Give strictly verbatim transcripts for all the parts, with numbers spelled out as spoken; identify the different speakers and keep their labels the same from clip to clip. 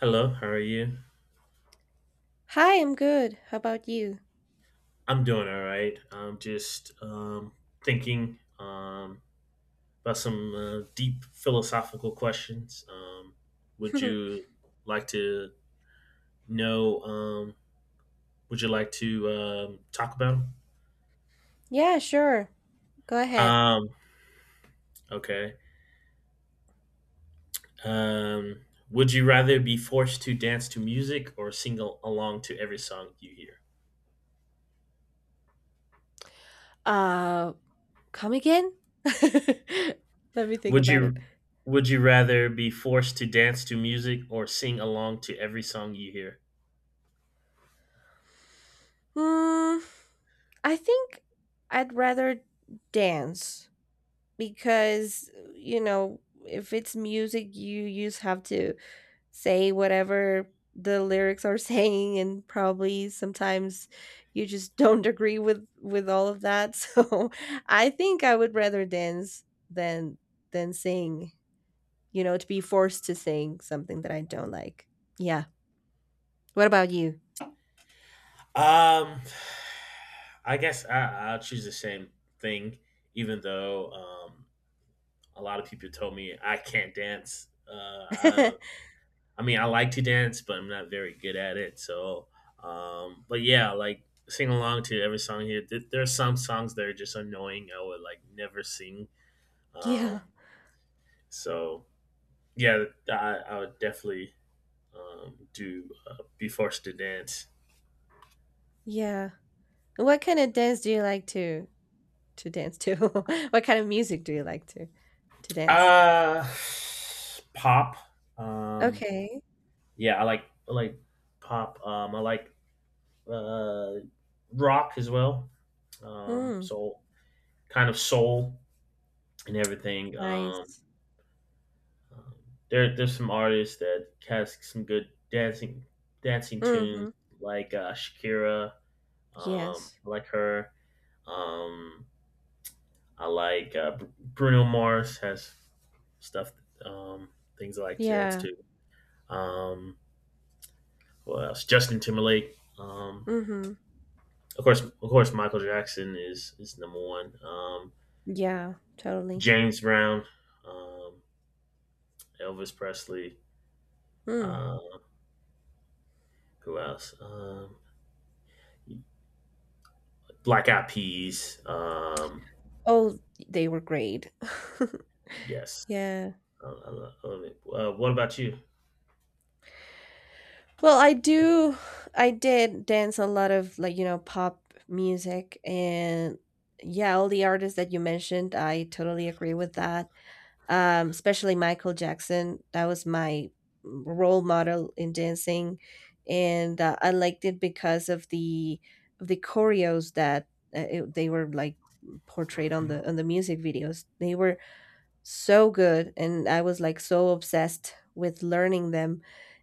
Speaker 1: Hello, how are you?
Speaker 2: Hi, I'm good. How about you?
Speaker 1: I'm doing all right. I'm just um, thinking um, about some uh, deep philosophical questions. Um, would you like to know? Um, would you like to um, talk about 'em?
Speaker 2: Yeah, sure. Go ahead.
Speaker 1: Um, okay. Um, would you rather be forced to dance to music or sing al- along to every song you hear?
Speaker 2: Uh, Come again? Let me think
Speaker 1: Would
Speaker 2: about it.
Speaker 1: you would you rather be forced to dance to music or sing along to every song you hear?
Speaker 2: Hmm, I think I'd rather dance because, you know, if it's music, you just have to say whatever the lyrics are saying, and probably sometimes you just don't agree with with all of that, so i think i would rather dance than than sing, you know, to be forced to sing something that I don't like. Yeah. What about you?
Speaker 1: Um, I guess I, I'll choose the same thing, even though um, a lot of people told me I can't dance. Uh, I, I mean, I like to dance, but I'm not very good at it. So, um, but yeah, like sing along to every song here. Th- there are some songs that are just annoying. I would like never sing.
Speaker 2: Yeah,
Speaker 1: Um, so yeah, I, I would definitely um, do uh, be forced to dance.
Speaker 2: yeah, what kind of dance do you like to to dance to? What kind of music do you like to to dance?
Speaker 1: Uh, Pop. Um,
Speaker 2: Okay.
Speaker 1: yeah, I like I like pop. Um, I like uh, rock as well. Um,
Speaker 2: mm,
Speaker 1: so kind of soul and everything. Um,
Speaker 2: Nice.
Speaker 1: um, there there's some artists that has some good dancing dancing tunes
Speaker 2: Mm-hmm.
Speaker 1: like uh, Shakira. Um,
Speaker 2: Yes.
Speaker 1: I like her. Um, I like uh, Br- Bruno Mars has stuff, um, things I like to dance
Speaker 2: Yeah.
Speaker 1: to. Um, what else? Justin Timberlake. Um,
Speaker 2: Mhm.
Speaker 1: of course, of course, Michael Jackson is is number one. Um,
Speaker 2: Yeah, totally.
Speaker 1: James Brown, um, Elvis Presley.
Speaker 2: Mm.
Speaker 1: Uh, who else? Um, Black Eyed Peas. Um,
Speaker 2: Oh, they were great.
Speaker 1: yes.
Speaker 2: Yeah.
Speaker 1: Uh, I, I love it. Uh, what about you?
Speaker 2: Well, I do I did dance a lot of, like, you know, pop music, and yeah, all the artists that you mentioned, I totally agree with that. Um, especially Michael Jackson. That was my role model in dancing, and uh, I liked it because of the of the choreos that uh, it, they were like portrayed on the on the music videos. They were so good, and I was like so obsessed with learning them,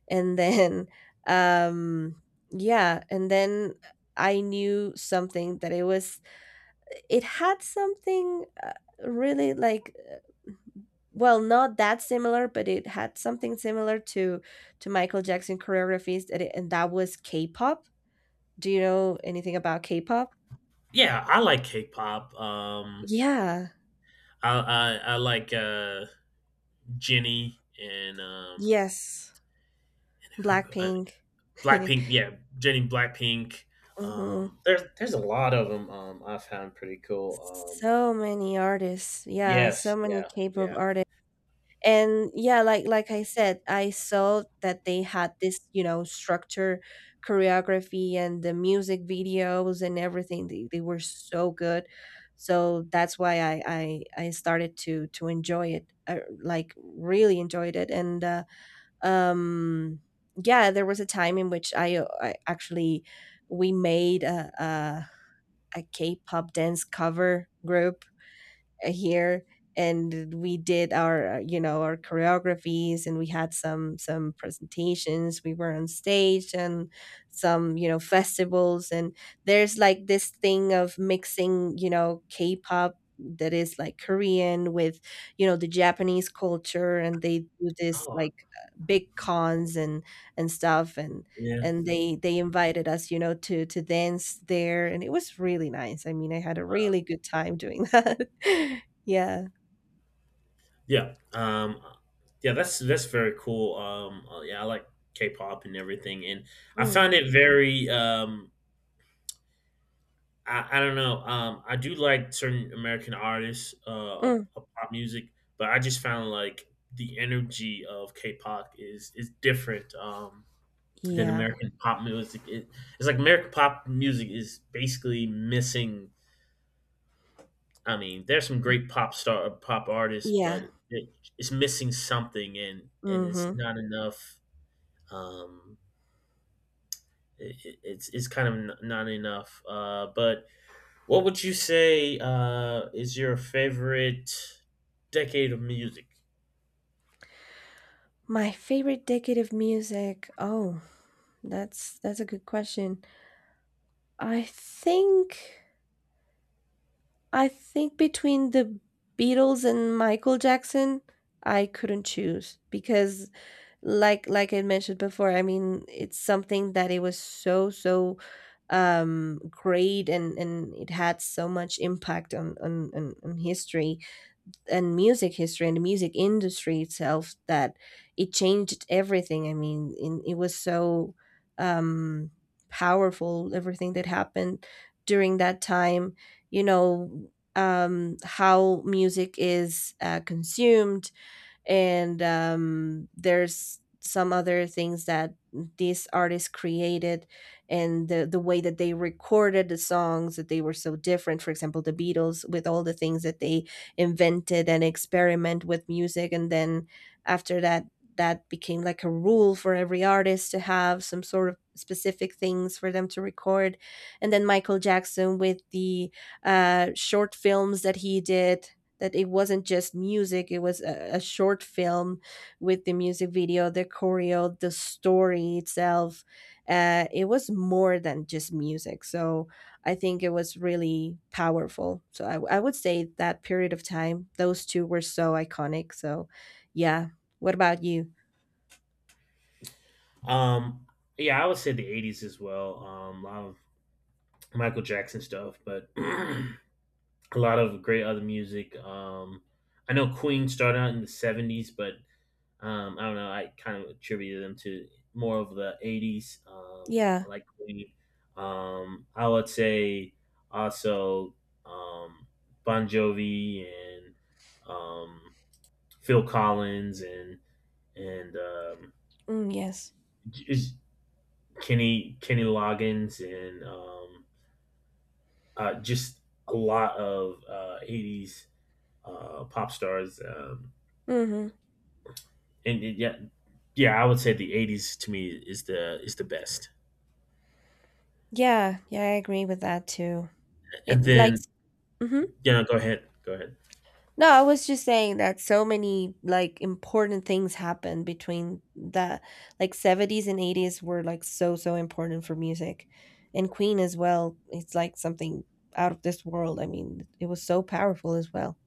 Speaker 2: and then um yeah, and then I knew something that it was, it had something, uh, really, like, uh, well, not that similar, but it had something similar to to Michael Jackson choreographies, that, it, and that was K-pop. Do you know anything about K-pop?
Speaker 1: Yeah, I like K-pop. Um,
Speaker 2: Yeah.
Speaker 1: I, I I like uh, Jenny and um,
Speaker 2: Yes,
Speaker 1: who- I,
Speaker 2: Blackpink.
Speaker 1: Blackpink, yeah, Jenny Blackpink.
Speaker 2: Hmm.
Speaker 1: Um, there's there's a lot of them. Um, I found pretty cool. Um,
Speaker 2: So many artists. Yeah, so
Speaker 1: yes,
Speaker 2: many
Speaker 1: yeah,
Speaker 2: K-pop
Speaker 1: yeah.
Speaker 2: artists. And yeah, like like I said, I saw that they had this, you know, structure, choreography, and the music videos and everything. They, they were so good. So that's why I, I I started to to enjoy it. I, like, really enjoyed it. And uh, um yeah, there was a time in which I, uh, I actually, we made a, a a K-pop dance cover group, uh, here, and we did our, uh, you know, our choreographies, and we had some some presentations, we were on stage, and some, you know, festivals, and there's like this thing of mixing, you know, K-pop, that is like Korean with, you know, the Japanese culture, and they do this
Speaker 1: Oh,
Speaker 2: like, uh, big cons and and stuff, and
Speaker 1: yeah,
Speaker 2: and they they invited us, you know, to to dance there, and it was really nice. I mean, I had a
Speaker 1: wow.
Speaker 2: really good time doing that. Yeah.
Speaker 1: Yeah. Um, yeah, that's that's very cool. Um, uh, yeah, I like K-pop and everything, and I
Speaker 2: Mm,
Speaker 1: found it very. Um, I, I don't know. Um, I do like certain American artists uh, of,
Speaker 2: mm.
Speaker 1: of pop music, but I just found like the energy of K-pop is is different. Um, than
Speaker 2: Yeah.
Speaker 1: American pop music. It, it's like American pop music is basically missing. I mean, there's some great pop star pop artists, but
Speaker 2: Yeah.
Speaker 1: it, it's missing something, and and it's
Speaker 2: Mhm.
Speaker 1: not enough. Um, it, it- it's it's kind of n- not enough. Uh, but what would you say uh, is your favorite decade of music?
Speaker 2: My favorite decade of music. Oh, that's that's a good question. I think I think between the Beatles and Michael Jackson, I couldn't choose, because, like like I mentioned before, I mean, it's something that it was so so um great, and and it had so much impact on on on, on history and music history and the music industry itself, that it changed everything. I mean, in, it was so, um, powerful, everything that happened during that time, you know, um, how music is, uh, consumed, and um, there's some other things that these artists created, and the, the way that they recorded the songs, that they were so different. For example, the Beatles, with all the things that they invented and experiment with music, and then after that, that became like a rule for every artist, to have some sort of specific things for them to record. And then Michael Jackson, with the uh, short films that he did, that it wasn't just music, it was a, a short film with the music video, the choreo, the story itself. Uh, it was more than just music. So I think it was really powerful, so I, I would say that period of time, those two were so iconic, so yeah. What about you?
Speaker 1: Um, yeah, I would say the eighties as well. Um, a lot of Michael Jackson stuff, but a lot of great other music. Um, I know Queen started out in the seventies, but um, I don't know. I kind of attributed them to more of the eighties. Um,
Speaker 2: Yeah.
Speaker 1: I like Queen. Um, I would say also um, Bon Jovi and um, Phil Collins and and um,
Speaker 2: Mm, yes.
Speaker 1: j- Kenny Kenny Loggins and um, uh, just a lot of uh, eighties uh, pop stars. Um,
Speaker 2: Mm-hmm.
Speaker 1: and yeah, yeah, I would say the eighties to me is the is the best.
Speaker 2: Yeah, yeah, I agree with that too.
Speaker 1: And
Speaker 2: It like.
Speaker 1: then
Speaker 2: Mhm.
Speaker 1: yeah, no, go ahead, go ahead.
Speaker 2: No, I was just saying that so many, like, important things happened between the, like, seventies and eighties, were like so so important for music. And Queen as well, it's like something out of this world. I mean, it was so powerful as well.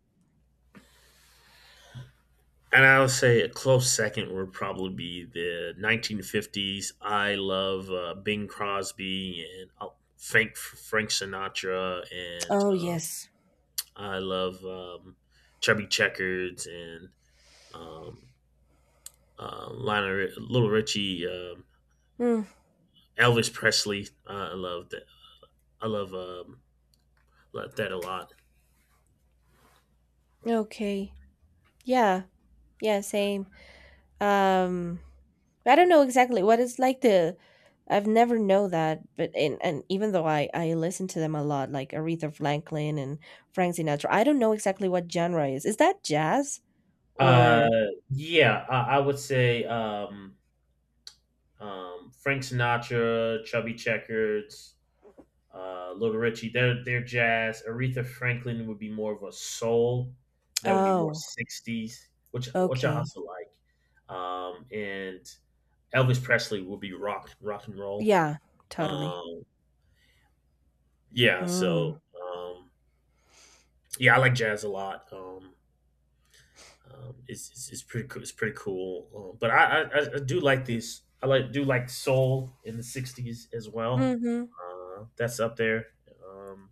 Speaker 1: And I would say a close second would probably be the nineteen fifties. I love uh, Bing Crosby and uh, Frank Frank Sinatra, and
Speaker 2: Oh,
Speaker 1: uh,
Speaker 2: yes.
Speaker 1: I love um, Chubby Checkers and um, uh, Lionel, Little Richie, um,
Speaker 2: Hmm.
Speaker 1: Elvis Presley. Uh, I love that. I love um, love that a lot.
Speaker 2: Okay. Yeah. Yeah, same. Um I don't know exactly what is like the, I've never know that, but and and even though I I listen to them a lot, like Aretha Franklin and Frank Sinatra, I don't know exactly what genre is. Is that jazz
Speaker 1: Uh,
Speaker 2: or.
Speaker 1: yeah, I, I would say um, um, Frank Sinatra, Chubby Checkers, uh, Little Richie. They're they're jazz. Aretha Franklin would be more of a soul. That would be more
Speaker 2: Oh,
Speaker 1: sixties, which which I
Speaker 2: okay.
Speaker 1: also like. Um, and Elvis Presley would be rock rock and roll.
Speaker 2: Yeah, totally.
Speaker 1: Um, yeah,
Speaker 2: Mm.
Speaker 1: so um, yeah, I like jazz a lot. Um, Um, it's, it's it's pretty cool. It's pretty cool. Um, but I, I I do like these. I like do like soul in the sixties as well.
Speaker 2: Mm-hmm.
Speaker 1: Uh, that's up there. Um,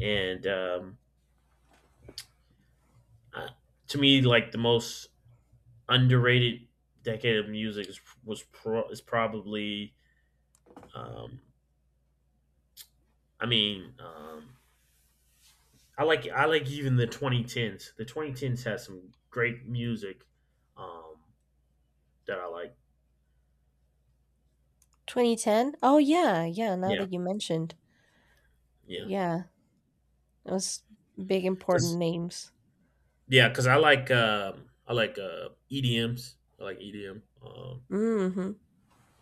Speaker 1: and um, I, to me, like the most underrated decade of music is, was pro, is probably. Um, I mean, um, I like I like even the twenty tens. The twenty tens has some great music um, that I like.
Speaker 2: two thousand ten? Oh yeah, yeah, now
Speaker 1: Yeah,
Speaker 2: that you mentioned.
Speaker 1: yeah.
Speaker 2: Yeah. Those big important
Speaker 1: 'Cause
Speaker 2: names.
Speaker 1: yeah, because I like um I like uh E D Ms. I like E D M. Um,
Speaker 2: Mm-hmm.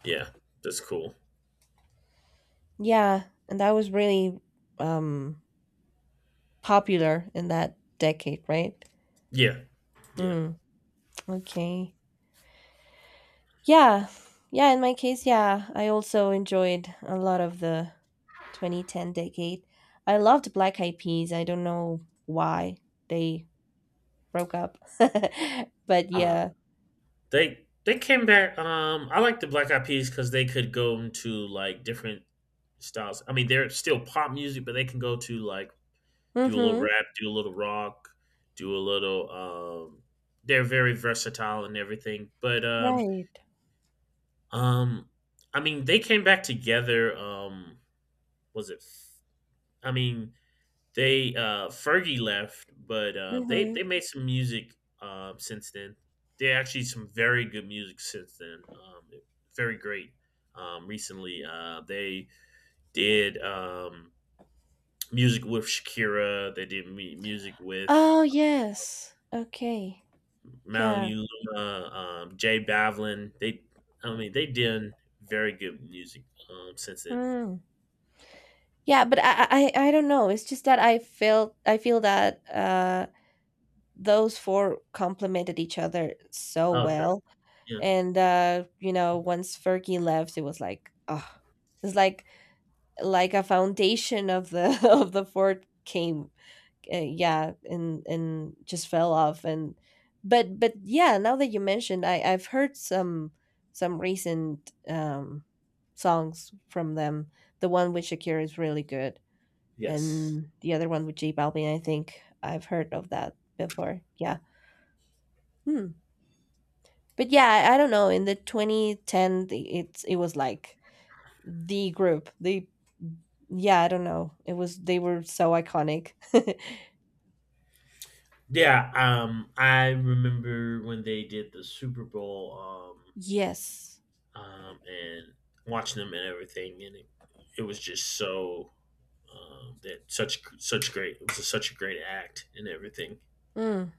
Speaker 1: yeah, that's cool.
Speaker 2: Yeah. And that was really um popular in that decade, right?
Speaker 1: Yeah, yeah.
Speaker 2: Mm, okay. Yeah. Yeah, in my case, yeah, I also enjoyed a lot of the twenty ten decade. I loved Black Eyed Peas. I don't know why they broke up. But
Speaker 1: Uh,
Speaker 2: yeah.
Speaker 1: they they came back. Um, I like the Black Eyed Peas because they could go into like different styles. I mean, they're still pop music, but they can go to like do a little
Speaker 2: Mhm.
Speaker 1: rap, do a little rock, do a little. Um, they're very versatile and everything. But um,
Speaker 2: Right.
Speaker 1: um, I mean, they came back together. Um, was it? f- I mean, they uh, Fergie left, but uh, they they
Speaker 2: Mhm.
Speaker 1: made some music um, since then. They actually some very good music since then. Um, very great. Um, recently, uh, they did um, music with Shakira. They did mu- music with
Speaker 2: Oh, yes. Okay. Yeah.
Speaker 1: Malibu Luma, um, Jay Bavlin. They, I mean, they did very good music um, since then.
Speaker 2: Mm. Yeah, but I, I I don't know. It's just that I felt I feel that uh those four complemented each other so
Speaker 1: Okay.
Speaker 2: well,
Speaker 1: Yeah.
Speaker 2: and uh you know, once Fergie left, it was like, oh, it's like like a foundation of the of the fort came, uh, yeah, and and just fell off. And but but yeah, now that you mentioned, i I've heard some some recent um songs from them. The one with Shakira is really good,
Speaker 1: Yes.
Speaker 2: and the other one with J Balvin, I think I've heard of that before. Yeah. Hmm. But yeah, I, I don't know, in the twenty ten, the- it's it was like, the group. They, yeah, I don't know. It was, they were so iconic.
Speaker 1: Yeah, um, I remember when they did the Super Bowl. Um,
Speaker 2: Yes.
Speaker 1: um, and watching them and everything, and it, it was just so um, that such such great it was such a great act and everything.
Speaker 2: Mm.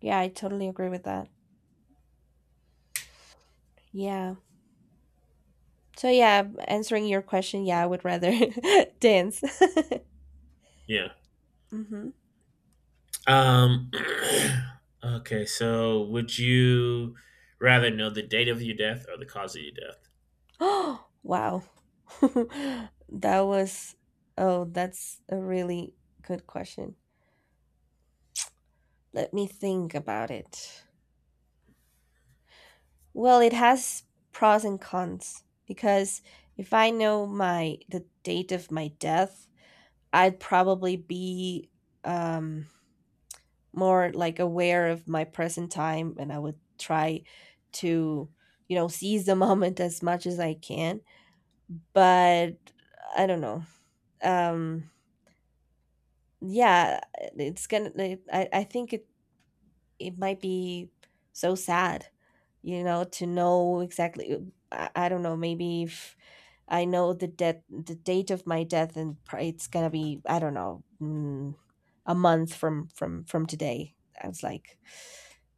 Speaker 2: Yeah, I totally agree with that. Yeah. So yeah, answering your question, yeah, I would rather dance.
Speaker 1: Yeah.
Speaker 2: Hmm.
Speaker 1: Um, okay, so would you rather know the date of your death or the cause of your death?
Speaker 2: Oh wow, that was, oh that's a really good question. Let me think about it. Well, it has pros and cons, because if I know my, the date of my death, I'd probably be, um, more like aware of my present time, and I would try to, you know, seize the moment as much as I can. But I don't know. Um, yeah, it's gonna, it, I, I think it, it might be so sad, you know, to know exactly. uh, I, I don't know, maybe if I know the death, the date of my death, and pri- it's gonna be, I don't know. Mm, a month from from from today. I was like,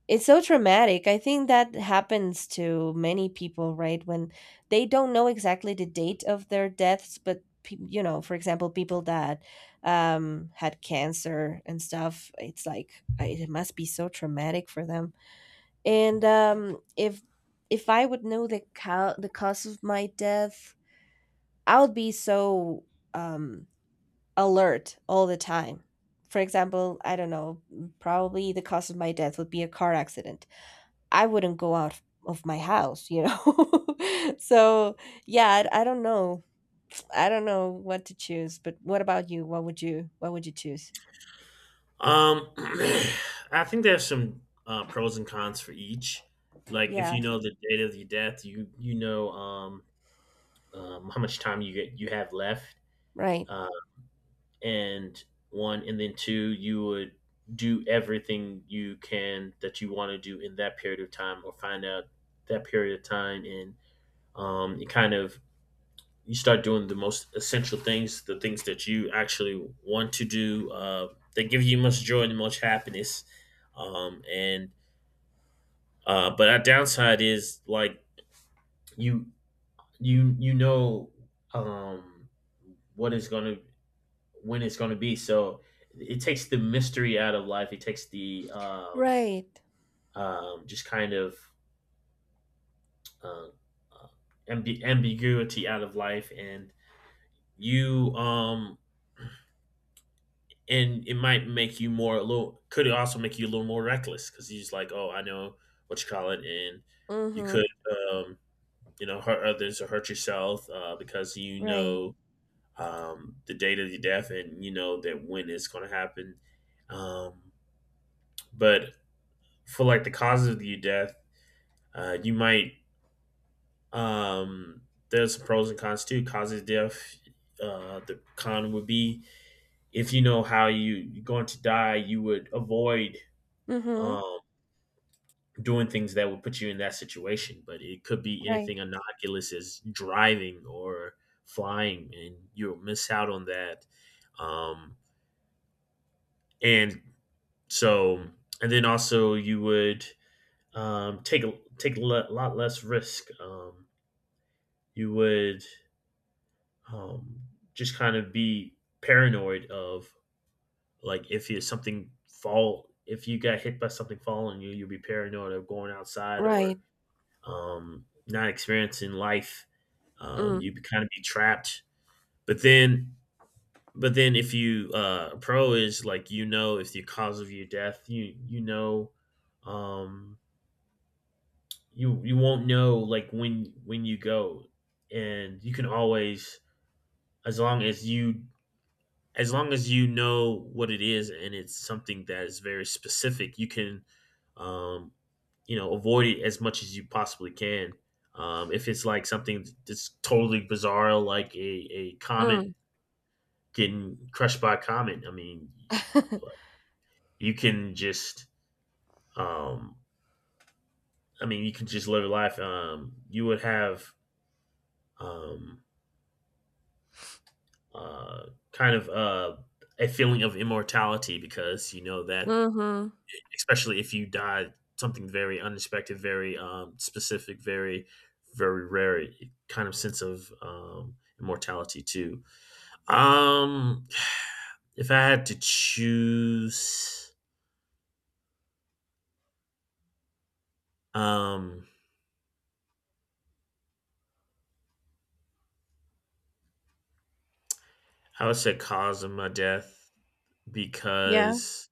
Speaker 2: it's so traumatic. I think that happens to many people, right, when they don't know exactly the date of their deaths. But pe- you know, for example, people that um had cancer and stuff, it's like, I- it must be so traumatic for them. And um if if I would know the ca- the cause of my death, I would be so, um alert all the time. For example, I don't know, probably the cause of my death would be a car accident. I wouldn't go out of my house, you know? So, yeah, I, I don't know. I don't know what to choose. But what about you? What would you, what would you choose?
Speaker 1: Um, I think there's some uh, pros and cons for each. Like if
Speaker 2: Yeah,
Speaker 1: you know the date of your death, you you know um, um, how much time you get you have left.
Speaker 2: right.
Speaker 1: Uh, and One and then two you would do everything you can that you want to do in that period of time or find out that period of time and um, you kind of you start doing the most essential things the things that you actually want to do uh, that give you much joy and much happiness um, and uh, but our downside is like you you you know um, what is going to when it's going to be. So it takes the mystery out of life. It takes the um,
Speaker 2: Right.
Speaker 1: um, just kind of uh, uh, ambiguity out of life, and you um, and it might make you more a little. Could it also make you a little more reckless because you're just like, oh, I know what you call it, and you could
Speaker 2: Mhm.
Speaker 1: um, you know hurt others or hurt yourself uh, because you
Speaker 2: Right.
Speaker 1: know um, the date of your death and you know that when it's going to happen. Um, but for like the causes of the death, uh, you might um, there's some pros and cons too. Causes of death, uh, the con would be if you know how you, you're going to die, you would avoid
Speaker 2: Mhm.
Speaker 1: um, doing things that would put you in that situation. But it could be
Speaker 2: Right.
Speaker 1: anything innocuous as driving or flying, and you'll miss out on that. Um, and So, and then also you would um, take a take a le- lot less risk. Um, you would um, just kind of be paranoid of like if you something fall if you got hit by something falling you you'll be paranoid of going outside or
Speaker 2: Right.
Speaker 1: um, not experiencing life um,
Speaker 2: Mm.
Speaker 1: you kind of be trapped but then but then if you uh, a pro is like you know if the cause of your death you you know um, you you won't know like when when you go and you can always as long as you as long as you know what it is and it's something that is very specific, you can, um, you know, avoid it as much as you possibly can. Um, if it's like something that's totally bizarre, like a, a comet
Speaker 2: Mm.
Speaker 1: getting crushed by a comet, I mean, you, like, you can just, um, I mean, you can just live your life. Um, you would have um, uh, kind of uh, a feeling of immortality because you know that
Speaker 2: Mhm.
Speaker 1: especially if you die something very unexpected, very um, specific, very very rare kind of sense of um, immortality too. Um, if I had to choose, um, I would say cause of my death
Speaker 2: Yeah.
Speaker 1: because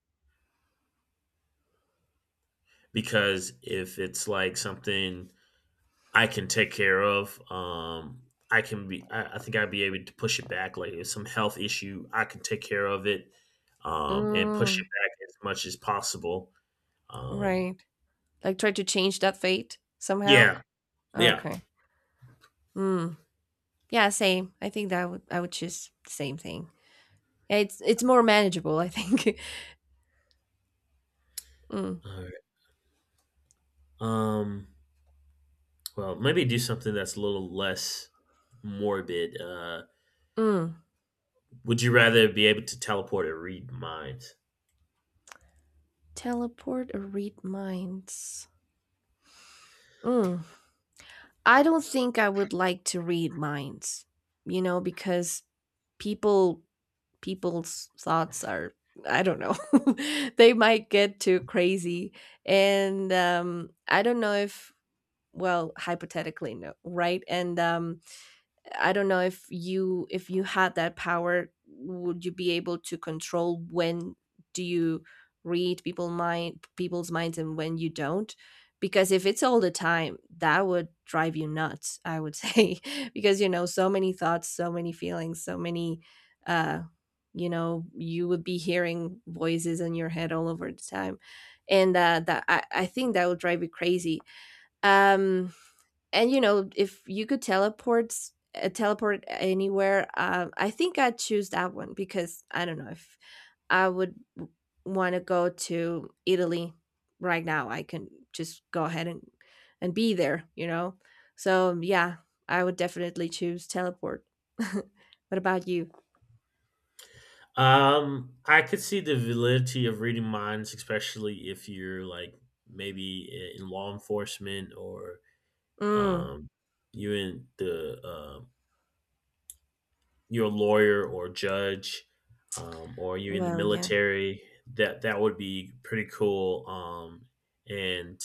Speaker 1: because if it's like something I can take care of. Um, I can be. I, I think I'd be able to push it back. Like if some health issue, I can take care of it um, and push it
Speaker 2: Mm.
Speaker 1: back as much as possible. Um,
Speaker 2: Right. Like, try to change that fate somehow.
Speaker 1: yeah, yeah.
Speaker 2: Okay. Mm. Yeah, same. I think that I would I would choose the same thing. Yeah, it's it's more manageable, I think. Mm.
Speaker 1: All right. Um, well, maybe do something that's a little less morbid. Uh,
Speaker 2: Mm.
Speaker 1: would you rather be able to teleport or read minds?
Speaker 2: Teleport or read minds. Mm. I don't think I would like to read minds. You know, because people, people's thoughts are, I don't know. They might get too crazy, and um I don't know if, well, hypothetically no, right? And um I don't know if, you if you had that power, would you be able to control when do you read people mind, people's minds, and when you don't? Because if it's all the time, that would drive you nuts, I would say, because, you know, so many thoughts, so many feelings, so many, uh you know, you would be hearing voices in your head all over the time. And uh, that I, I think that would drive you crazy. Um, and you know, if you could teleport, uh, teleport anywhere, uh, I think I'd choose that one, because I don't know, if I would want to go to Italy right now, I can just go ahead and and be there, you know. So yeah, I would definitely choose teleport. What about you?
Speaker 1: Um, I could see the validity of reading minds, especially if you're like maybe in law enforcement or
Speaker 2: mm,
Speaker 1: um, you're in the uh, you're a lawyer or a judge, um, or you're in the
Speaker 2: well, yeah.
Speaker 1: military. That that would be pretty cool. Um, and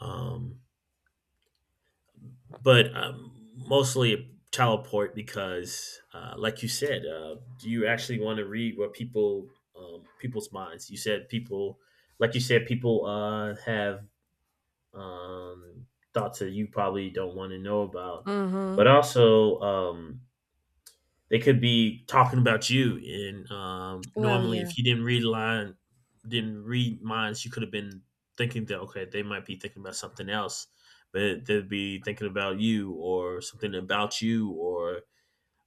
Speaker 1: um, but Um, mostly teleport because, uh, like you said, uh, do you actually want to read what people um, people's minds? You said people, like you said, people uh, have um, thoughts that you probably don't want to know about, but
Speaker 2: Hmm.
Speaker 1: also. Um, They could be talking about you, and um,
Speaker 2: Well,
Speaker 1: normally,
Speaker 2: yeah.
Speaker 1: if you didn't read line, didn't read minds, you could have been thinking that okay, they might be thinking about something else, but they'd be thinking about you or something about you or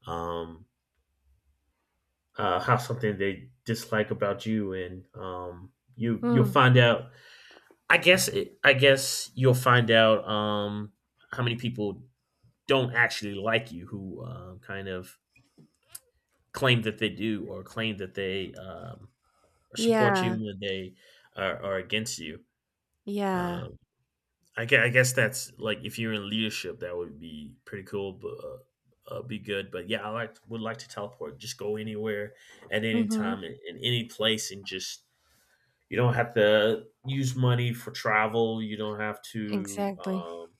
Speaker 1: um, uh, how something they dislike about you, and um, you you'll
Speaker 2: mm,
Speaker 1: find out. I guess it, I guess you'll find out um, how many people don't actually like you who um, kind of claim that they do or claim that they um, support you
Speaker 2: yeah,
Speaker 1: when they are, are against you.
Speaker 2: yeah.
Speaker 1: Um, I, gue- I guess that's like if you're in leadership, that would be pretty cool, but uh, uh, be good. But yeah, I like would like to teleport. Just go anywhere at any time
Speaker 2: Hmm.
Speaker 1: in, in any place, and just you don't have to use money for travel. You don't have to
Speaker 2: Exactly.
Speaker 1: um,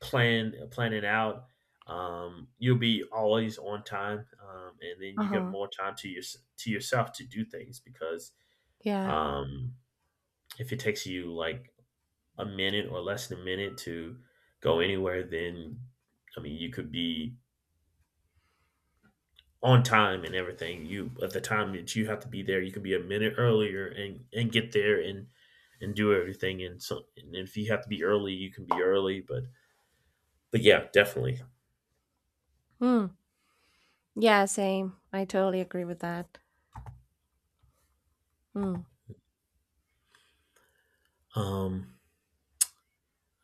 Speaker 1: plan plan it out. Um, you'll be always on time, um, and then you get
Speaker 2: Uh-huh.
Speaker 1: more time to your to yourself to do things because
Speaker 2: Yeah.
Speaker 1: um, if it takes you like a minute or less than a minute to go anywhere, then I mean you could be on time and everything. You at the time that you have to be there, you could be a minute earlier and and get there and and do everything. And so and if you have to be early, you can be early. But but yeah, definitely.
Speaker 2: Mm. Yeah, same. I totally agree with that. Mm.
Speaker 1: Um,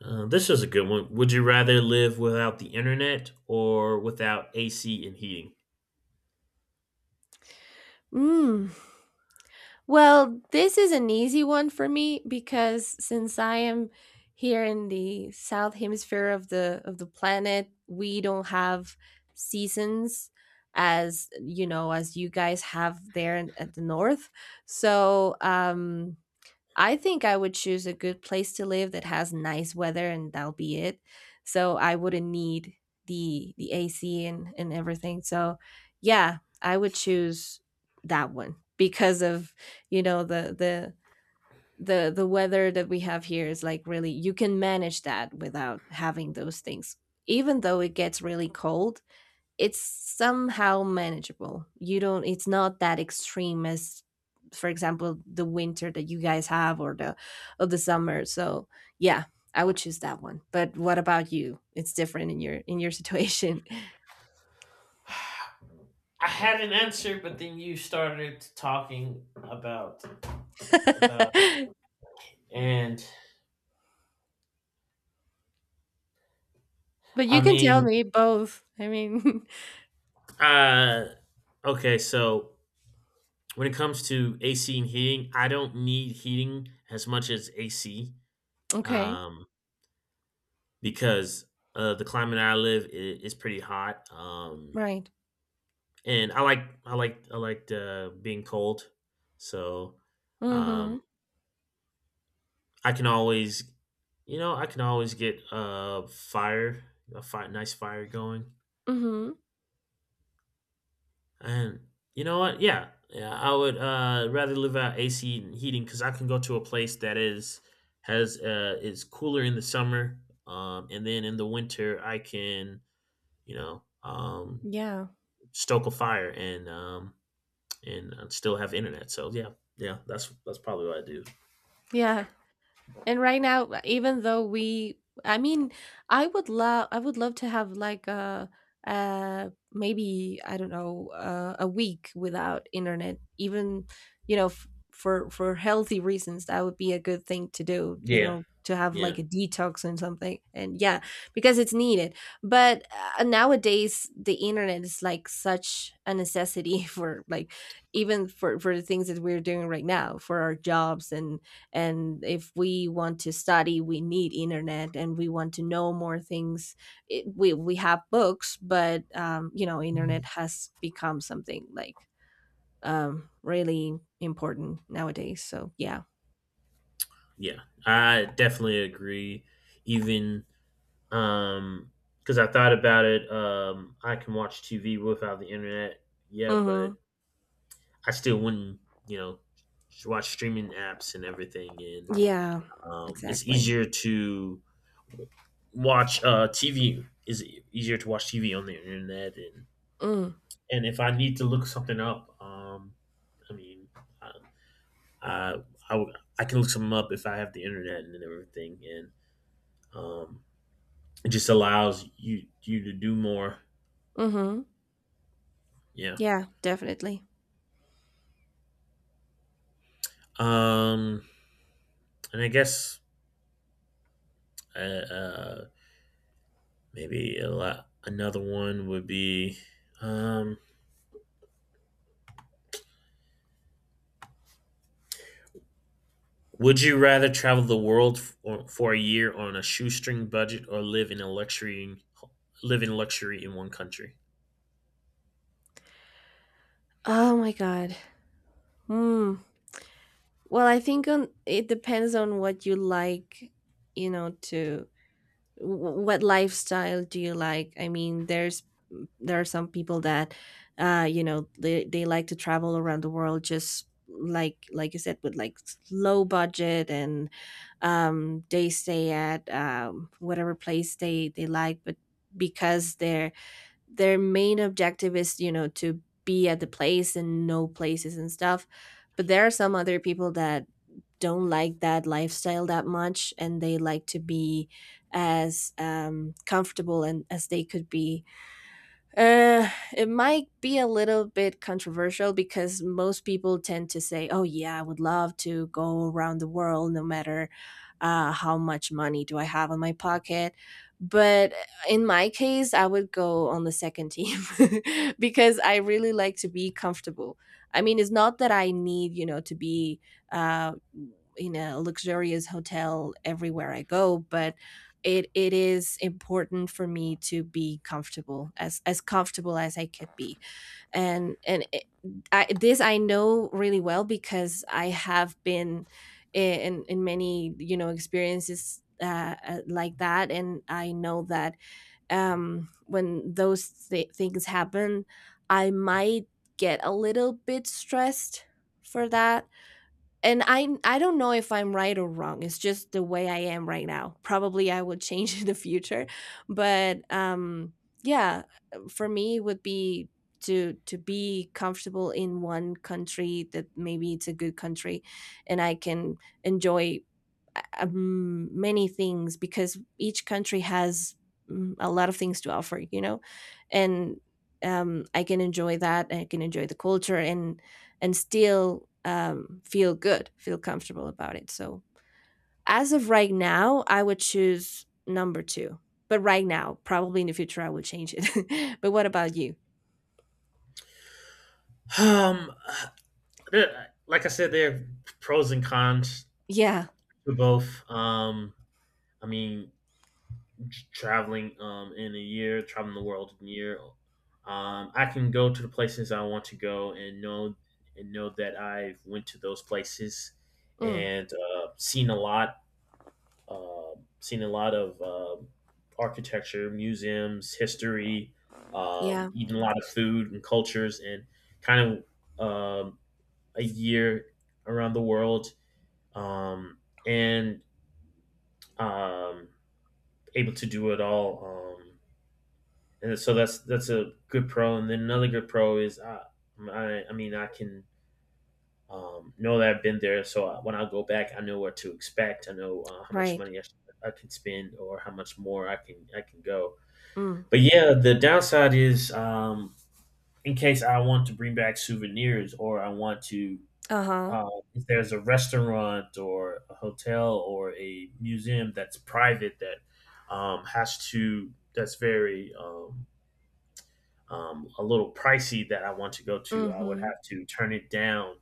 Speaker 1: uh, this is a good one. Would you rather live without the internet or without A C and heating?
Speaker 2: Mm. Well, this is an easy one for me, because since I am here in the south hemisphere of the of the planet, we don't have seasons as, you know, as you guys have there in, at the north. So, um I think I would choose a good place to live that has nice weather, and that'll be it. So I wouldn't need the the A C and and everything. So yeah, I would choose that one because of, you know, the the the the weather that we have here is like really you can manage that without having those things. Even though it gets really cold, it's somehow manageable. You don't It's not that extreme as, for example, the winter that you guys have or the or the summer. So yeah, I would choose that one. But what about you? It's different in your in your situation.
Speaker 1: I had an answer, but then you started talking about about And
Speaker 2: But
Speaker 1: I
Speaker 2: you can tell
Speaker 1: mean,
Speaker 2: me both. I mean,
Speaker 1: uh, okay, so when it comes to A C and heating, I don't need heating as much as A C,
Speaker 2: okay.
Speaker 1: um, because uh, the climate I live I is pretty hot, um,
Speaker 2: Right.
Speaker 1: and I like I like I like uh, being cold, so um,
Speaker 2: Mhm.
Speaker 1: I can always, you know, I can always get a fire, a fi- nice fire going.
Speaker 2: Mhm.
Speaker 1: And you know what? Yeah, yeah. I would uh, rather live out A C and heating because I can go to a place that is has uh, is cooler in the summer, um, and then in the winter I can you know um,
Speaker 2: Yeah.
Speaker 1: stoke a fire and um, and uh, still have internet. So yeah, yeah. That's that's probably what I do.
Speaker 2: Yeah, and right now, even though we, I mean, I would love, I would love to have like a, uh, maybe I don't know, uh, a week without internet. Even, you know, f- for for healthy reasons, that would be a good thing to do. You
Speaker 1: Yeah,
Speaker 2: know, to have
Speaker 1: yeah.
Speaker 2: like a detox and something. And yeah, because it's needed. But uh, nowadays, the internet is like such a necessity for like, even for for the things that we're doing right now for our jobs. and and if we want to study we need internet, and we want to know more things. It, we we have books, but um you know, internet has become something like um really important nowadays. So yeah.
Speaker 1: Yeah, I definitely agree. Even um, because I thought about it, um, I can watch T V without the internet. Yeah,
Speaker 2: Mhm.
Speaker 1: but I still wouldn't, you know, watch streaming apps and everything, and
Speaker 2: Yeah.
Speaker 1: um, it's
Speaker 2: Exactly.
Speaker 1: easier to watch uh, T V. Is e-, easier to watch T V on the internet, and
Speaker 2: Mm.
Speaker 1: and if I need to look something up, um, I mean, I I, I, would- I can look something up if I have the internet and everything, and um, it just allows you you to do more.
Speaker 2: Mhm.
Speaker 1: Yeah.
Speaker 2: Yeah, definitely.
Speaker 1: Um, and I guess uh, uh, Maybe a lot, another one would be um, would you rather travel the world for, for a year on a shoestring budget or live in a luxury live in luxury in one country?
Speaker 2: Oh my god. Mm. Well, I think on it depends on what you like, you know. To wh- what lifestyle do you like? I mean, there's there are some people that, uh you know, they, they like to travel around the world just like like you said, with like s- low budget, and um they stay at um whatever place they they like. But because their their main objective is, you know, to be at the place and know places and stuff. But there are some other people that don't like that lifestyle that much, and they like to be as um, comfortable and as they could be. uh, it might be a little bit controversial because most people tend to say, "Oh yeah, I would love to go around the world no matter uh, how much money do I have on my pocket." But in my case, I would go on the second team because I really like to be comfortable. I mean, it's not that I need, you know, to be uh, in a luxurious hotel everywhere I go, but it it is important for me to be comfortable, as as comfortable as I could be. And and it, I, this I know really well because I have been in in many, you know, experiences, uh, uh, like that, and I know that um when those th- things happen I might get a little bit stressed for that. And I I don't know if I'm right or wrong. It's just the way I am right now. Probably I will change in the future, but um yeah, for me it would be to to be comfortable in one country that maybe it's a good country, and I can enjoy um, many things, because each country has, mm, a lot of things to offer, you know. And um, I can enjoy that, I can enjoy the culture, and and still, um, feel good, feel comfortable about it. So as of right now I would choose number two, but right now probably in the future I will change it. But what about you?
Speaker 1: Um, there- like I said, there are pros and cons
Speaker 2: Yeah.
Speaker 1: to both. Um, I mean, traveling um, in a year, traveling the world in a year, um, I can go to the places I want to go and know and know that I went to those places
Speaker 2: Mm.
Speaker 1: and uh, seen a lot, uh, seen a lot of um architecture, museums, history, um,
Speaker 2: Yeah.
Speaker 1: eaten a lot of food and cultures, and kind of um, a year around the world um, and um, able to do it all. Um, and so that's that's a good pro. And then another good pro is I I, I mean I can um, know that I've been there, so I, when I go back, I know what to expect. I know uh, how much
Speaker 2: Right.
Speaker 1: money I, sh- I can spend or how much more I can I can go.
Speaker 2: Mm.
Speaker 1: But yeah, the downside is um, in case I want to bring back souvenirs or I want to.
Speaker 2: Uh-huh.
Speaker 1: Uh, if there's a restaurant or a hotel or a museum that's private that um, has to that's very um, um, a little pricey that I want to go to, I would
Speaker 2: Mm-hmm.
Speaker 1: have to turn it down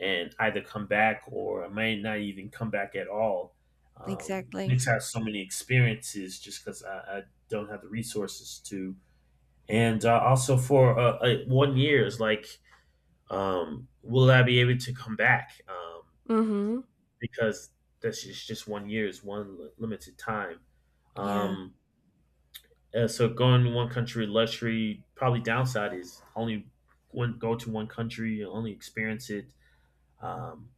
Speaker 1: and either come back or I may not even come back at all. Um,
Speaker 2: Exactly.
Speaker 1: Nick's had so many experiences just because I, I don't have the resources to. And uh, also for uh, uh, one year is like, um, will I be able to come back? Um,
Speaker 2: Mm-hmm.
Speaker 1: because that's just, just one year is one li- limited time.
Speaker 2: Yeah.
Speaker 1: Um, uh, so going one country luxury probably downside is only one go to one country you only experience it. Um,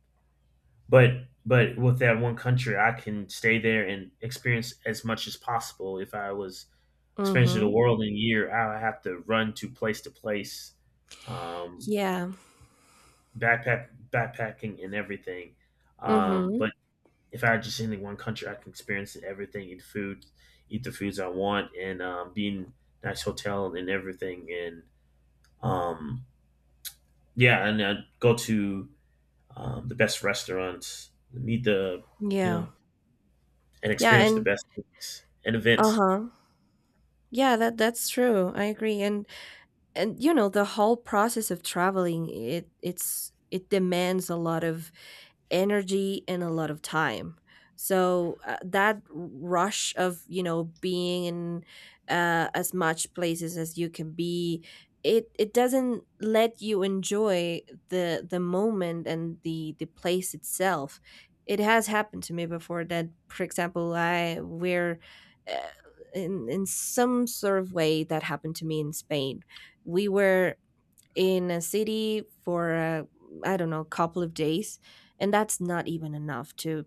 Speaker 1: but but with that one country, I can stay there and experience as much as possible. If I was experiencing the
Speaker 2: Mm-hmm.
Speaker 1: world in a year, I would have to run to place to place, um,
Speaker 2: Yeah.
Speaker 1: backpack backpacking and everything. Um,
Speaker 2: Mhm.
Speaker 1: but if I were just in one country, I can experience everything, eat food, eat the foods I want, and um, be in a nice hotel and everything. And um, yeah, and I'd go to um, the best restaurants, meet the, you
Speaker 2: Yeah.
Speaker 1: know, and
Speaker 2: Yeah,
Speaker 1: experience the
Speaker 2: and
Speaker 1: best things and events.
Speaker 2: uh-huh, yeah, that that's true. I agree. And and you know, the whole process of traveling, it it's it demands a lot of energy and a lot of time. So uh, that rush of, you know, being in, uh, as much places as you can be, it it doesn't let you enjoy the the moment and the the place itself. It has happened to me before that, for example, I were uh, in in some sort of way that happened to me in Spain. We were in a city for, I I don't know, a couple of days, and that's not even enough to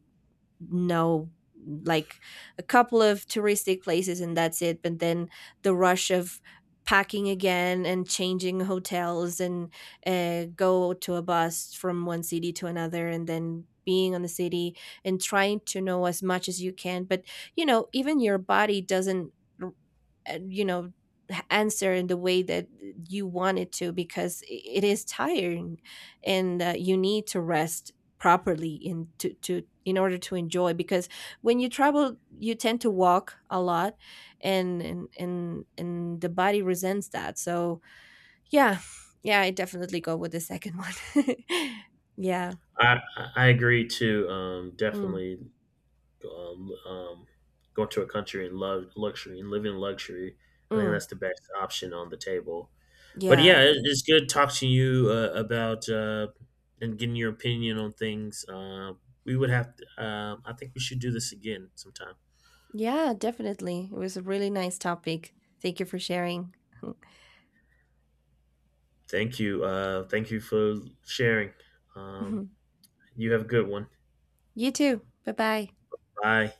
Speaker 2: know like a couple of touristic places, and that's it. But then the rush of packing again and changing hotels, and uh, go to a bus from one city to another, and then being on the city and trying to know as much as you can. But you know, even your body doesn't, uh, you know answer in the way that you want it to, because i- it is tiring, and uh, you need to rest properly in to, to in order to enjoy, because when you travel you tend to walk a lot, and and and, and the body resents that. So yeah, yeah, I definitely go with the second one. Yeah.
Speaker 1: I, I I agree to um,
Speaker 2: Mm.
Speaker 1: definitely um, um, going to a country and love luxury and living luxury. I think
Speaker 2: Mm.
Speaker 1: that's the best option on the table. But
Speaker 2: Yeah.
Speaker 1: yeah, it- it's good talking to you uh, about uh, and getting your opinion on things. Uh, we would have. To, um, I think we should do this again sometime.
Speaker 2: Yeah, definitely, it was a really nice topic. Thank you for sharing.
Speaker 1: Thank you. Uh, thank you for sharing. Um, you have a good one.
Speaker 2: You too. Bye bye.
Speaker 1: Bye.